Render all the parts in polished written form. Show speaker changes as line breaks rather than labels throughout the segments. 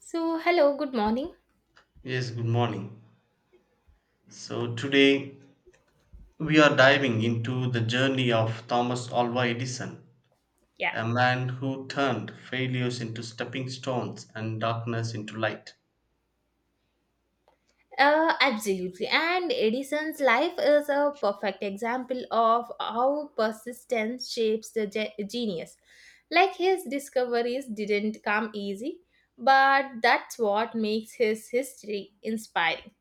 So, hello, good morning.
Yes, good morning. So today we are diving into the journey of Thomas Alva Edison,
Yeah.
a man who turned failures into stepping stones and darkness into light.
Absolutely. And Edison's life is a perfect example of how persistence shapes the genius. Like his discoveries didn't come easy, but that's what makes his history inspiring.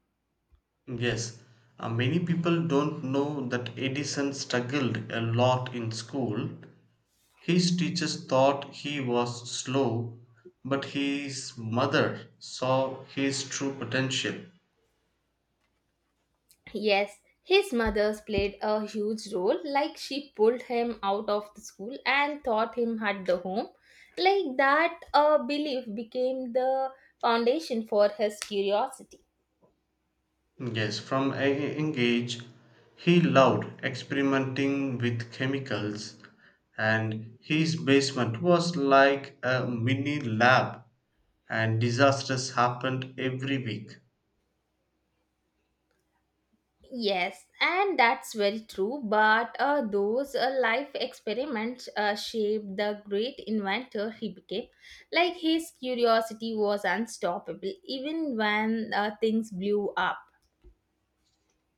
Yes, many people don't know that Edison struggled a lot in school. His teachers thought he was slow, but his mother saw his true potential.
Yes, his mother's played a huge role, like she pulled him out of the school and taught him at the home. Like that belief became the foundation for his curiosity.
Yes, from a young age, he loved experimenting with chemicals, and his basement was like a mini lab, and disasters happened every week.
Yes, and that's very true. But those life experiments shaped the great inventor he became. Like his curiosity was unstoppable, even when things blew up.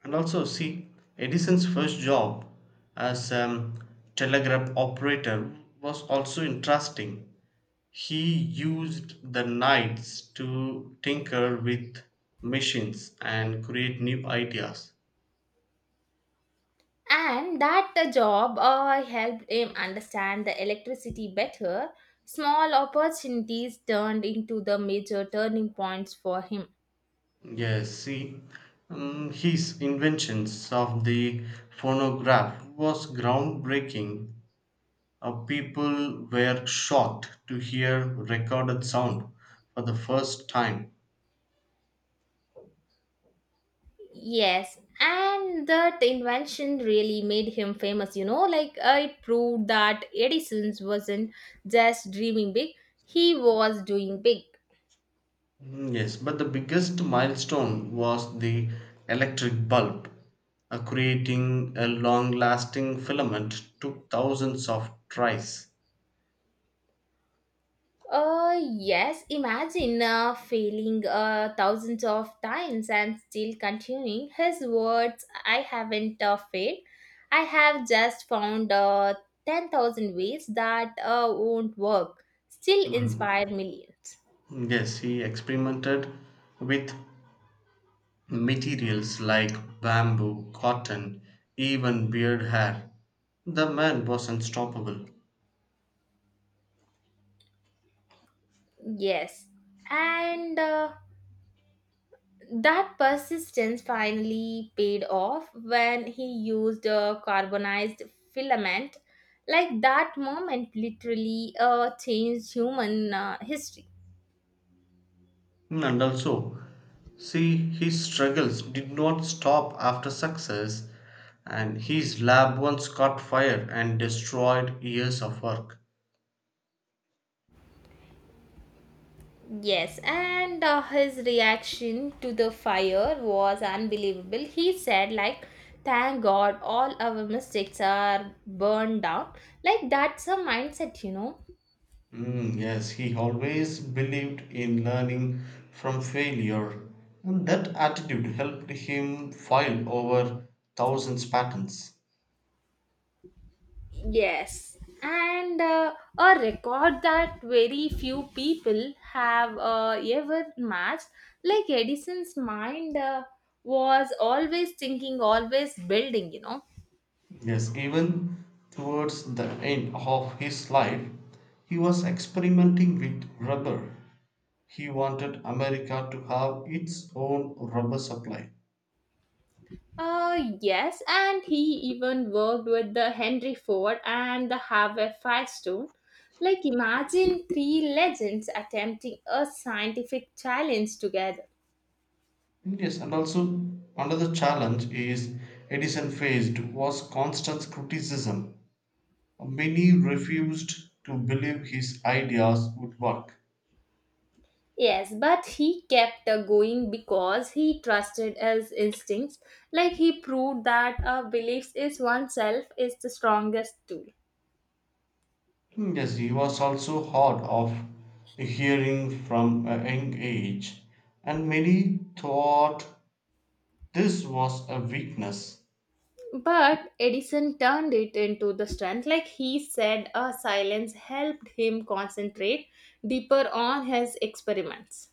And also, see, Edison's first job as a telegraph operator was also interesting. He used the nights to tinker with machines and create new ideas.
And that job helped him understand the electricity better. Small opportunities turned into the major turning points for him.
Yes, see, his inventions of the phonograph was groundbreaking. People were shocked to hear recorded sound for the first time.
Yes, and that invention really made him famous, you know, like it proved that Edison wasn't just dreaming big, he was doing big.
Mm. Yes, but the biggest milestone was the electric bulb. Creating a long-lasting filament took thousands of tries.
Yes, imagine failing thousands of times and still continuing. His words, I haven't failed. I have just found 10,000 ways that won't work, still
Mm.
inspire millions.
Yes, he experimented with materials like bamboo, cotton, even beard hair. The man was unstoppable.
Yes. And that persistence finally paid off when he used a carbonized filament. Like that moment literally changed human history.
And also, see, his struggles did not stop after success, and his lab once caught fire and destroyed years of work.
Yes, and his reaction to the fire was unbelievable. He said, like, thank God all our mistakes are burned down. Like, that's a mindset, you know.
Mm, yes, he always believed in learning from failure, and that attitude helped him file over thousands patents.
Yes, and a record that very few people have ever matched. Like Edison's mind was always thinking, always building, you know.
Yes, even towards the end of his life, he was experimenting with rubber. He wanted America to have its own rubber supply.
Yes, and he even worked with the Henry Ford and the Harvey Firestone. Like, imagine three legends attempting a scientific challenge together.
Yes, and also another challenge is Edison faced was constant criticism. Many refused to believe his ideas would work.
Yes, but he kept going because he trusted his instincts. Like he proved that a beliefs is oneself is the strongest tool.
Yes, he was also hard of hearing from a young age, and many thought this was a weakness,
But Edison turned it into the strength. Like he said, a silence helped him concentrate deeper on his experiments.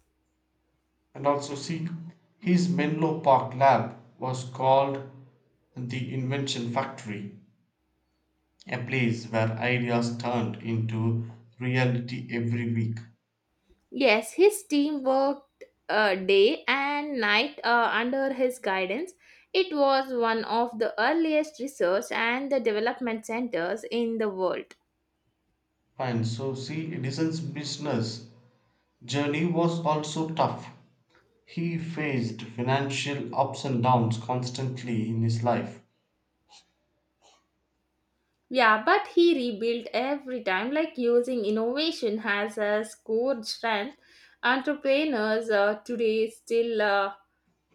and also see his Menlo Park lab was called the "invention factory," a place where ideas turned into reality every week.
Yes, his team worked day and night under his guidance. It was one of the earliest research and the development centers in the world.
Fine, so see Edison's business journey was also tough. He faced financial ups and downs constantly in his life.
Yeah, but he rebuilt every time, like using innovation as a core strength. Entrepreneurs today still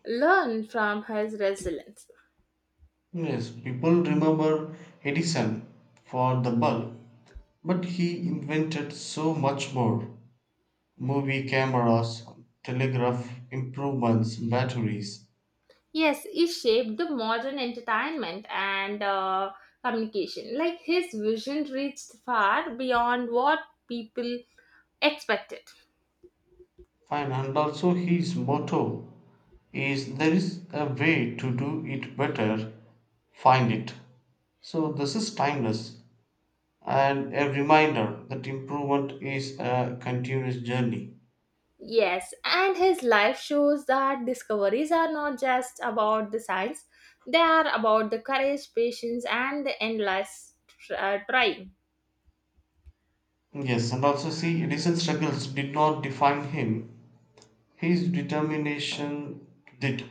learn from his resilience.
Yes, people remember Edison for the bulb, but he invented so much more: movie cameras, telegraph improvements, batteries.
Yes, he shaped the modern entertainment and communication. Like his vision reached far beyond what people expected.
Fine, and also his motto is there is a way to do it better, find it. So this is timeless and a reminder that improvement is a continuous journey.
Yes, and his life shows that discoveries are not just about the science, they are about the courage, patience, and the endless trying.
Yes, and also see, recent struggles did not define him. His determination did.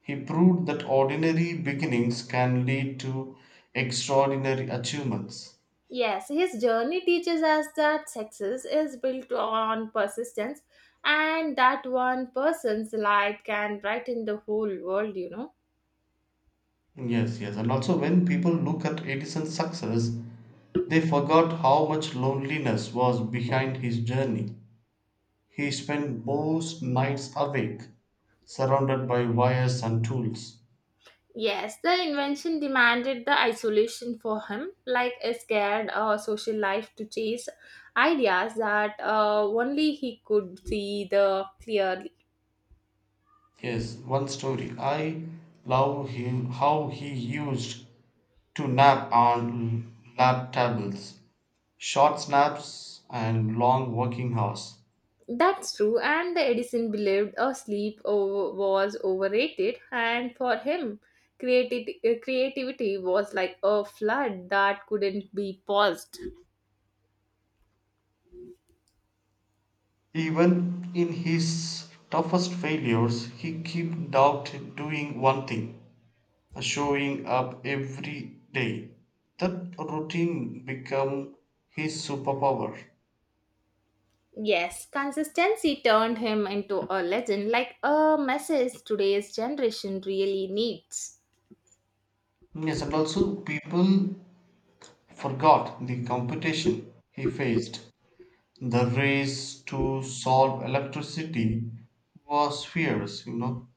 He proved that ordinary beginnings can lead to extraordinary achievements.
Yes, his journey teaches us that success is built on persistence and that one person's light can brighten the whole world, you know.
Yes, yes. And also, when people look at Edison's success, they forgot how much loneliness was behind his journey. He spent most nights awake, surrounded by wires and tools.
Yes, the invention demanded the isolation for him, like a scared social life to chase ideas that only he could see the clearly.
Yes, one story I love him how he used to nap on lab tables, short snaps and long working hours.
That's true, and the Edison believed a was overrated, and for him, creativity was like a flood that couldn't be paused.
Even in his toughest failures, he kept out doing one thing, showing up every day. That routine became his superpower.
Yes, consistency turned him into a legend, like a message today's generation really needs.
Yes, and also people forgot the competition he faced. The race to solve electricity was fierce,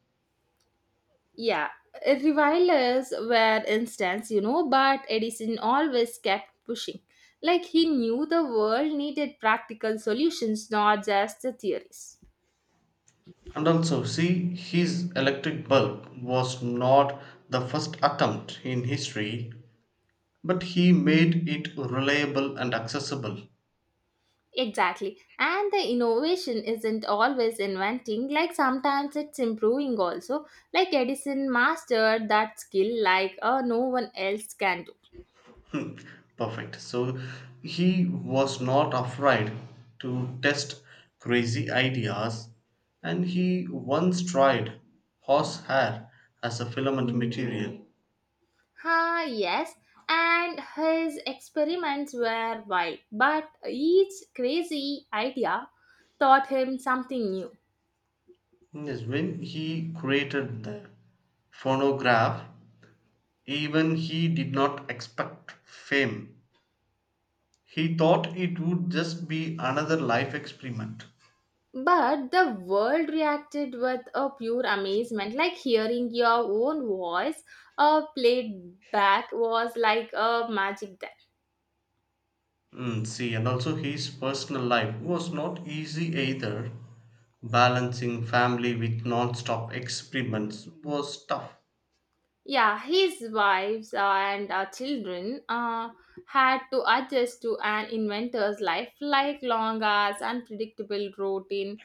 Yeah, revilers were instance, you know, but Edison always kept pushing. Like he knew the world needed practical solutions, not just the theories.
And also, see, his electric bulb was not the first attempt in history, but he made it reliable and accessible.
Exactly. And the innovation isn't always inventing, like sometimes it's improving also. Like Edison mastered that skill like no one else can do.
Perfect. So he was not afraid to test crazy ideas, and he once tried horsehair as a filament material.
Ha, yes, and his experiments were wild, but each crazy idea taught him something new.
Yes, when he created the phonograph, even he did not expect fame. He thought it would just be another life experiment.
But the world reacted with a pure amazement, like hearing your own voice played back was like a magic then.
Mm, see, and also his personal life was not easy either. Balancing family with non-stop experiments was tough.
Yeah, his wives and children had to adjust to an inventor's life, like long hours, unpredictable routine,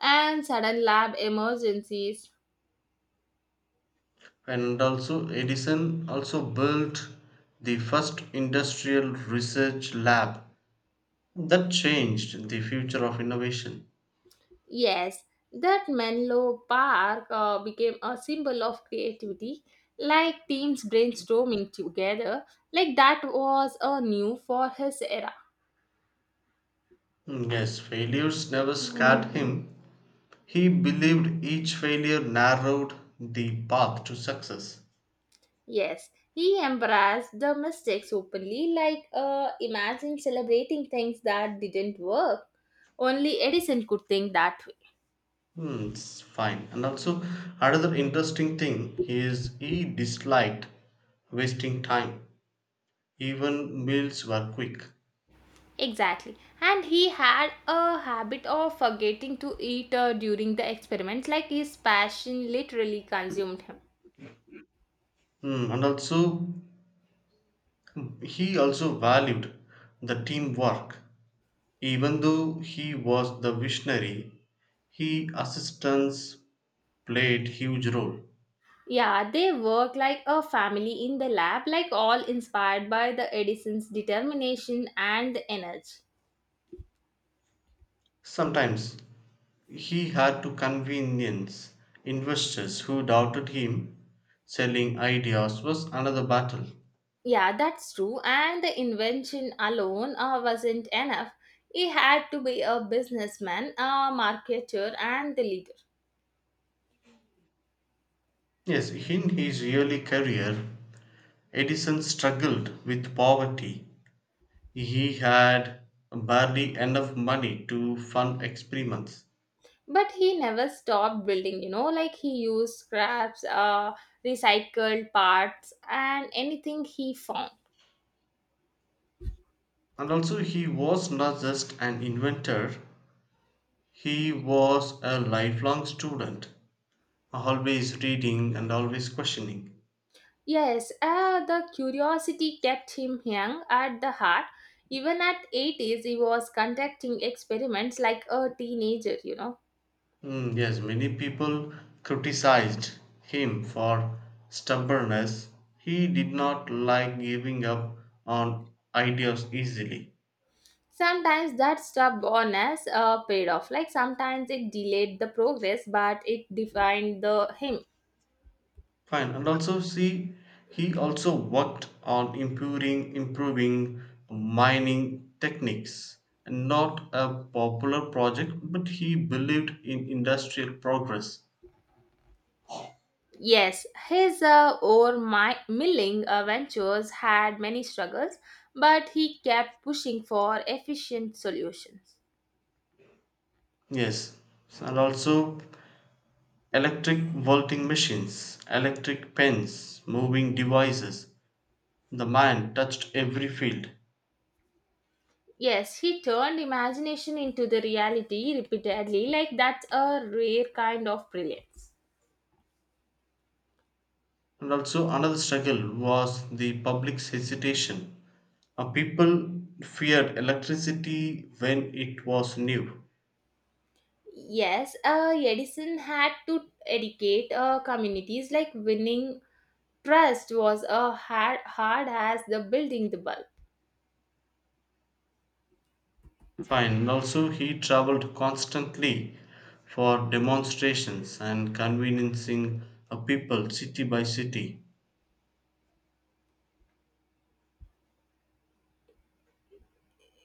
and sudden lab emergencies.
And also Edison also built the first industrial research lab that changed the future of innovation.
Yes, that Menlo Park became a symbol of creativity, like teams brainstorming together, like that was a new for his era.
Mm, yes, failures never scared him. He believed each failure narrowed the path to success.
Yes, he embraced the mistakes openly, like imagine celebrating things that didn't work. Only Edison could think that way.
Hmm, it's fine. And also, another interesting thing is he disliked wasting time. Even meals were quick.
Exactly. And he had a habit of forgetting to eat during the experiments, like his passion literally consumed him.
Hmm, and also, he also valued the teamwork. Even though he was the visionary, he assistants played huge role.
Yeah, they work like a family in the lab, like all inspired by the Edison's determination and energy.
Sometimes he had to convince investors who doubted him. Selling ideas was another battle.
Yeah, that's true. And the invention alone wasn't enough. He had to be a businessman, a marketer, and the leader.
Yes, in his early career, Edison struggled with poverty. He had barely enough money to fund experiments.
But he never stopped building, you know, like he used scraps, recycled parts, and anything he found.
And also, he was not just an inventor, he was a lifelong student, always reading and always questioning.
Yes, the curiosity kept him young at the heart, even at 80s he was conducting experiments like a teenager, you know.
Mm, yes, many people criticized him for stubbornness. He did not like giving up on ideas easily.
Sometimes that stubbornness paid off, like sometimes it delayed the progress but it defined the him.
Fine. And also see he also worked on improving mining techniques. Not a popular project, but he believed in industrial progress.
Yes, his ore milling ventures had many struggles, but he kept pushing for efficient solutions.
Yes. And also electric vaulting machines, electric pens, moving devices. The man touched every field.
Yes, he turned imagination into the reality repeatedly, like that's a rare kind of brilliance.
And also another struggle was the public's hesitation. People feared electricity when it was new.
Yes, Edison had to educate communities, like winning trust was hard as the building the bulb.
Fine. Also, he traveled constantly for demonstrations and convincing a people city by city.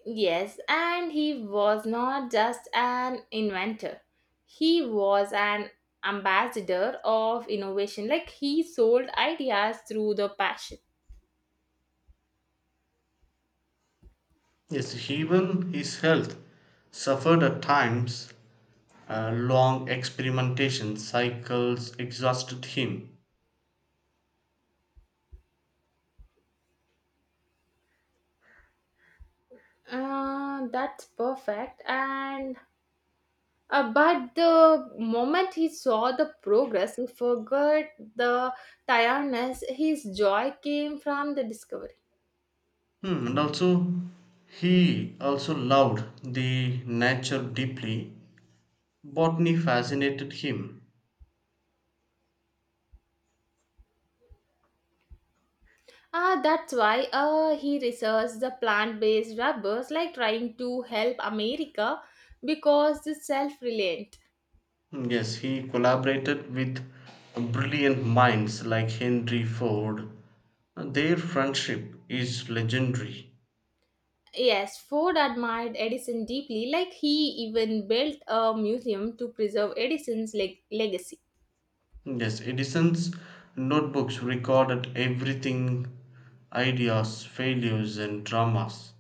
Yes, and he was not just an inventor. He was an ambassador of innovation. Like he sold ideas through the passion.
Yes, even his health suffered at times. Long experimentation cycles exhausted him.
That's perfect. And but the moment he saw the progress, he forgot the tiredness. His joy came from the discovery.
Hmm, and also, he also loved the nature deeply. Botany fascinated him.
Ah, that's why he researched the plant-based rubbers, like trying to help America because it's self-reliant.
Mm, yes, he collaborated with brilliant minds like Henry Ford. Their friendship is legendary.
Yes, Ford admired Edison deeply, like he even built a museum to preserve Edison's legacy.
Yes, Edison's notebooks recorded everything: ideas, failures, and dramas.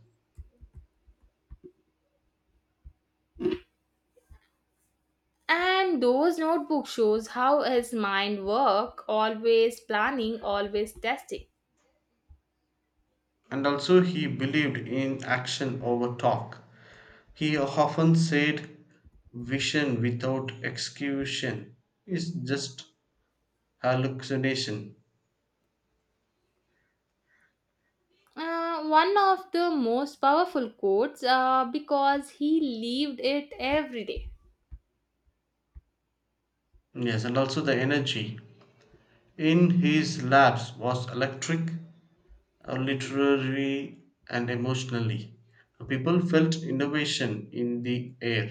And those notebook shows how his mind worked, always planning, always testing.
And also, he believed in action over talk. He often said, vision without execution is just hallucination.
One of the most powerful quotes because he lived it every day.
Yes, and also the energy in his labs was electric, literary and emotionally. People felt innovation in the air.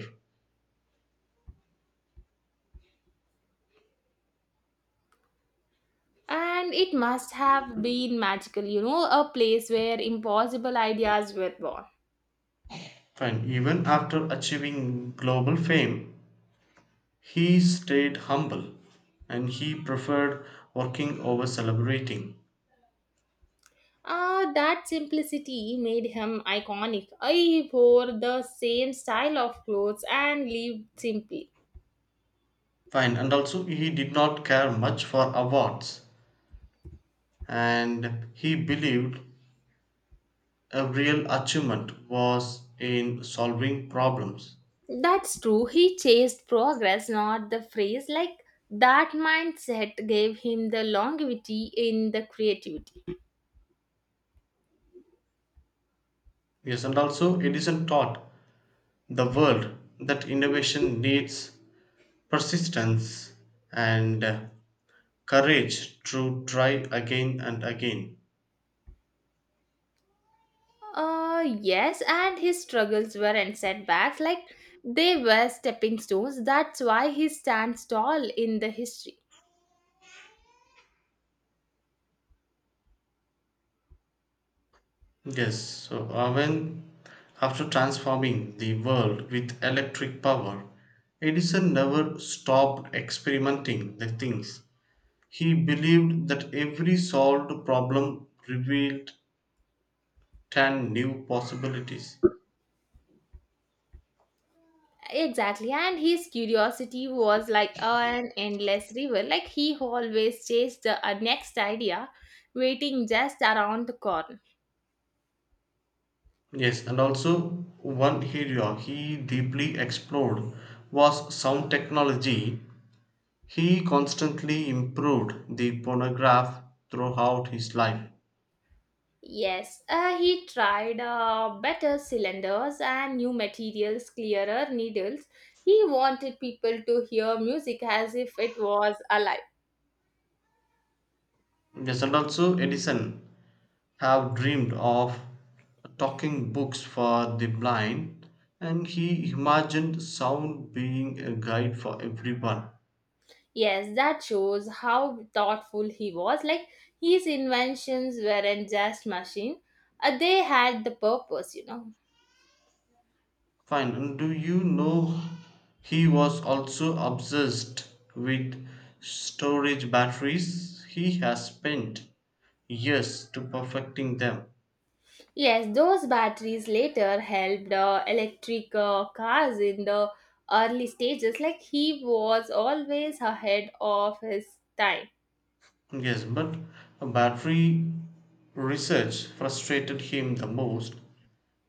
And it must have been magical, you know, a place where impossible ideas were born.
And even after achieving global fame, he stayed humble and he preferred working over celebrating.
Ah, that simplicity made him iconic. I wore the same style of clothes and lived simply.
Fine, and also he did not care much for awards and he believed a real achievement was in solving problems.
That's true, he chased progress, not the phrase. Like that mindset gave him the longevity in the creativity.
Yes, and also Edison taught the world that innovation needs persistence and courage to try again and again.
Yes, and his struggles weren't setbacks, like they were stepping stones. That's why he stands tall in the history.
Yes, so when after transforming the world with electric power, Edison never stopped experimenting the things. He believed that every solved problem revealed 10 new possibilities.
Exactly, and his curiosity was like an endless river. Like he always chased the next idea, waiting just around the corner.
Yes, and also one area he deeply explored was sound technology. He constantly improved the phonograph throughout his life.
Yes, he tried better cylinders and new materials, clearer needles. He wanted people to hear music as if it was alive.
Yes, and also Edison have dreamed of talking books for the blind and he imagined sound being a guide for everyone.
Yes, that shows how thoughtful he was. Like his inventions weren't just machine; they had the purpose, you know.
Fine. And do you know he was also obsessed with storage batteries? He has spent years to perfecting them.
Yes, those batteries later helped electric cars in the early stages. Like he was always ahead of his time.
Yes, but battery research frustrated him the most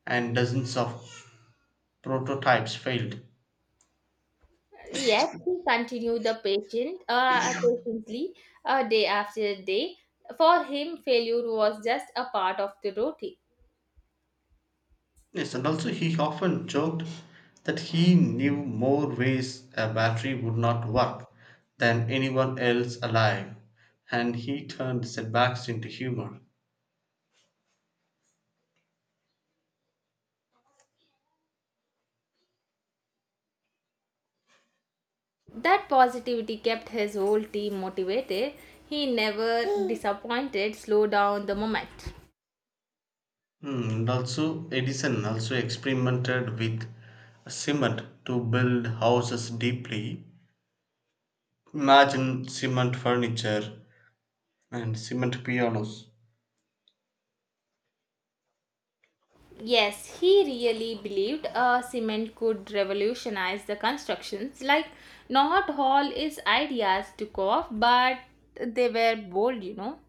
and dozens of prototypes failed.
Yet he continued the patient patiently day after day. For him, failure was just a part of the routine.
Yes, and also he often joked that he knew more ways a battery would not work than anyone else alive, and he turned setbacks into humor.
That positivity kept his whole team motivated. He never disappointed, slow down the moment.
Hmm. And also, Edison also experimented with cement to build houses deeply. Imagine cement furniture and cement pianos.
Yes, he really believed cement could revolutionize the constructions. Like, not all his ideas took off, but they were bold, you know.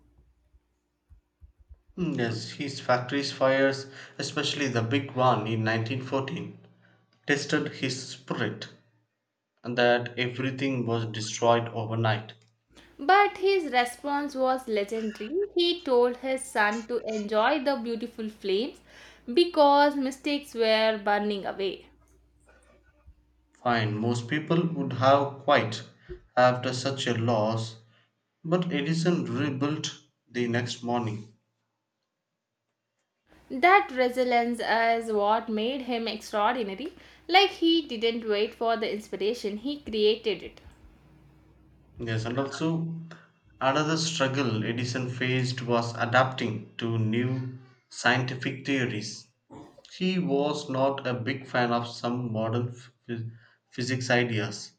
Hmm. Yes, his factory's fires, especially the big one in 1914, tested his spirit and that everything was destroyed overnight.
But his response was legendary. He told his son to enjoy the beautiful flames because mistakes were burning away.
Fine, most people would have quit after such a loss, but Edison rebuilt the next morning.
That resilience is what made him extraordinary. Like he didn't wait for the inspiration, he created it.
Yes, and also another struggle Edison faced was adapting to new scientific theories. He was not a big fan of some modern physics ideas.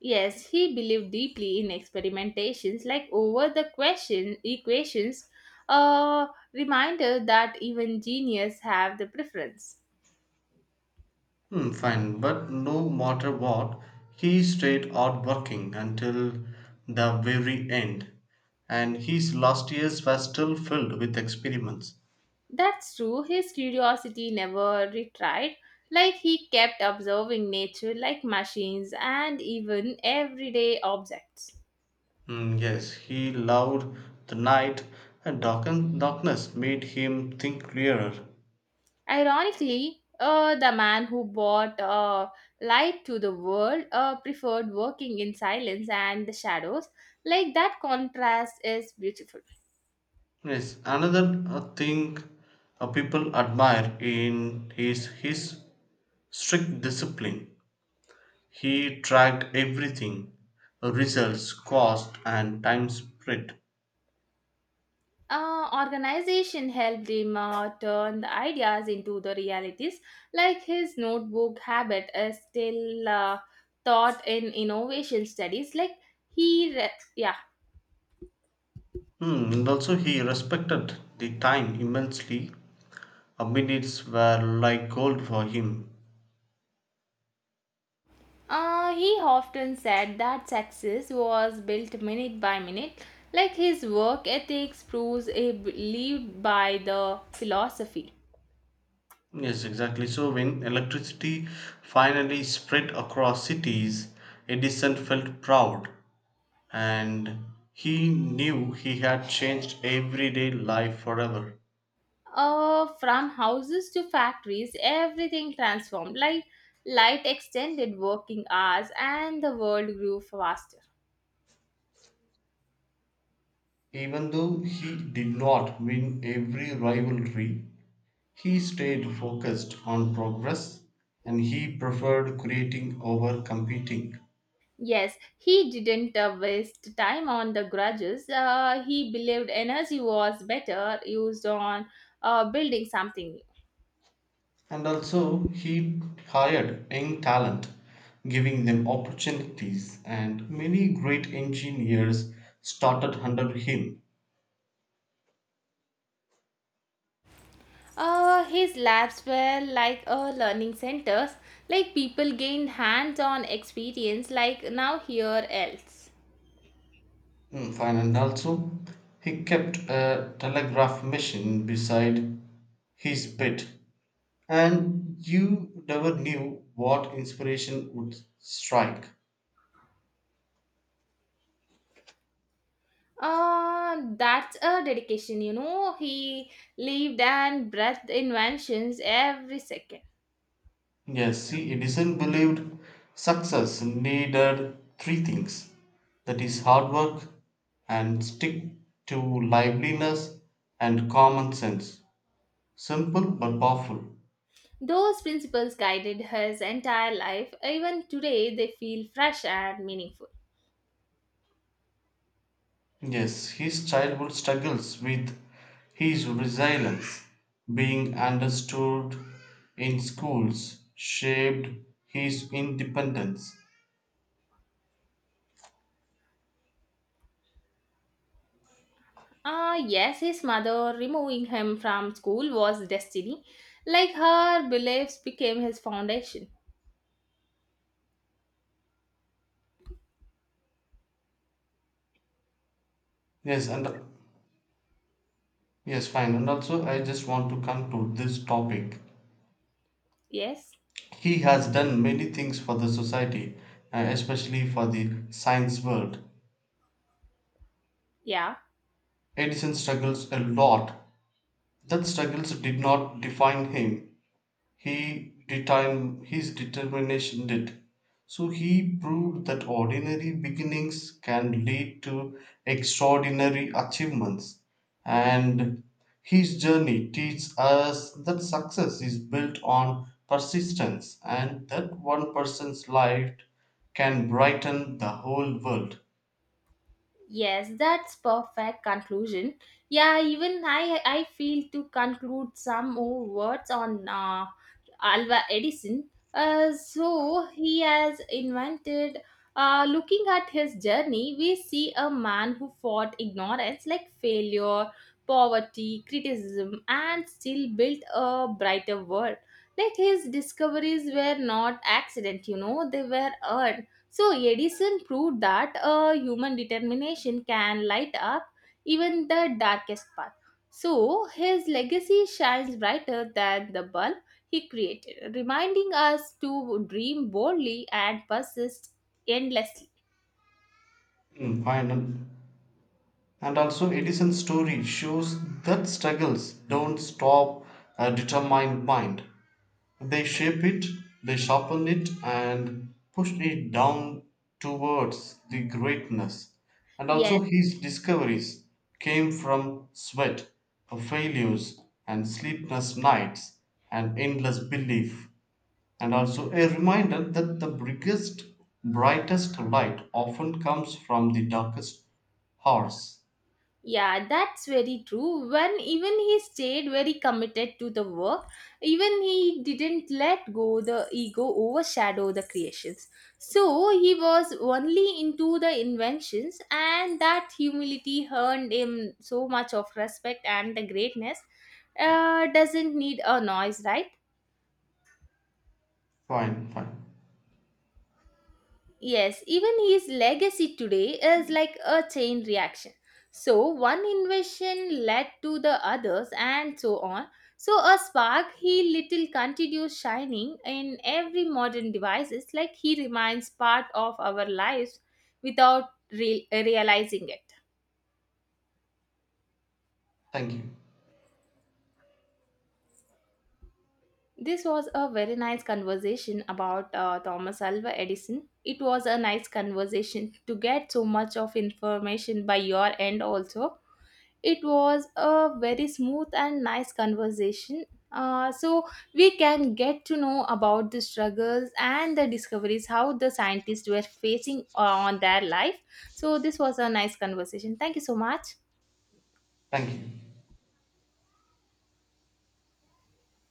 Yes, he believed deeply in experimentations, like over the question equations, a reminder that even genius have the preference.
Hmm, fine, but no matter what, he stayed out working until the very end, and his last years were still filled with experiments.
That's true, his curiosity never retired. Like he kept observing nature like machines and even everyday objects.
Hmm, yes, he loved the night, and darkness made him think clearer.
Ironically, the man who bought light to the world preferred working in silence and the shadows. Like that contrast is beautiful.
Yes, another thing people admire in is his strict discipline. He tracked everything: results, cost, and time spent.
Organization helped him turn the ideas into the realities. Like his notebook habit is still taught in innovation studies. Like yeah.
Hmm, and also he respected the time immensely. Minutes were like gold for him.
He often said that success was built minute by minute, like his work ethics proves he lived by the philosophy.
Yes, exactly. So when electricity finally spread across cities, Edison felt proud and he knew he had changed everyday life forever.
From houses to factories, everything transformed, like light extended working hours, and the world grew faster.
Even though he did not win every rivalry, he stayed focused on progress and he preferred creating over competing.
Yes, he didn't waste time on the grudges. He believed energy was better used on building something new.
And also, he hired young talent, giving them opportunities, and many great engineers started under him.
His labs were like learning centers, like people gained hands on experience, like now here else.
Mm. Fine, and also, he kept a telegraph machine beside his bed, and you never knew what inspiration would strike.
That's a dedication, you know. He lived and breathed inventions every second.
Yes, see, Edison believed success needed three things, that is, hard work and stick to liveliness and common sense. Simple but powerful.
Those principles guided his entire life. Even today, they feel fresh and meaningful.
Yes, his childhood struggles with his resilience being understood in schools shaped his independence.
Ah, yes, his mother removing him from school was destiny. Like her beliefs became his foundation.
Yes, and yes, fine. And also, I just want to conclude this topic.
Yes,
He has done many things for the society, especially for the science world.
yeah.
Edison struggles a lot. That struggles did not define him. He determined his determination did. So he proved that ordinary beginnings can lead to extraordinary achievements, and his journey teaches us that success is built on persistence and that one person's life can brighten the whole world.
Yes, that's perfect conclusion. Yeah, even I feel to conclude some more words on Alva Edison. So he has invented. Looking at his journey, we see a man who fought ignorance like failure, poverty, criticism, and still built a brighter world. Like his discoveries were not accident, you know, they were earned. So Edison proved that a human determination can light up even the darkest path. So his legacy shines brighter than the bulb he created, reminding us to dream boldly and persist endlessly.
Mm, final. And also, Edison's story shows that struggles don't stop a determined mind. They shape it, they sharpen it, and push it down towards the greatness. And also,
Yes.
his discoveries came from sweat, failures, and sleepless nights, and endless belief. And also, a reminder that the biggest, brightest light often comes from the darkest hours.
Yeah, that's very true. When even he stayed very committed to the work, even he didn't let go the ego overshadow the creations. So he was only into the inventions, and that humility earned him so much of respect and the greatness. Doesn't need a noise, right?
Fine, fine.
Yes, even his legacy today is like a chain reaction. So, one invention led to the others, and so on. So, a spark he little continues shining in every modern devices, like he remains part of our lives without realizing it.
Thank you.
This was a very nice conversation about Thomas Alva Edison. It was a nice conversation to get so much of information by your end also. It was a very smooth and nice conversation. So we can get to know about the struggles and the discoveries how the scientists were facing on their life. So this was a nice conversation. Thank you so much.
Thank you.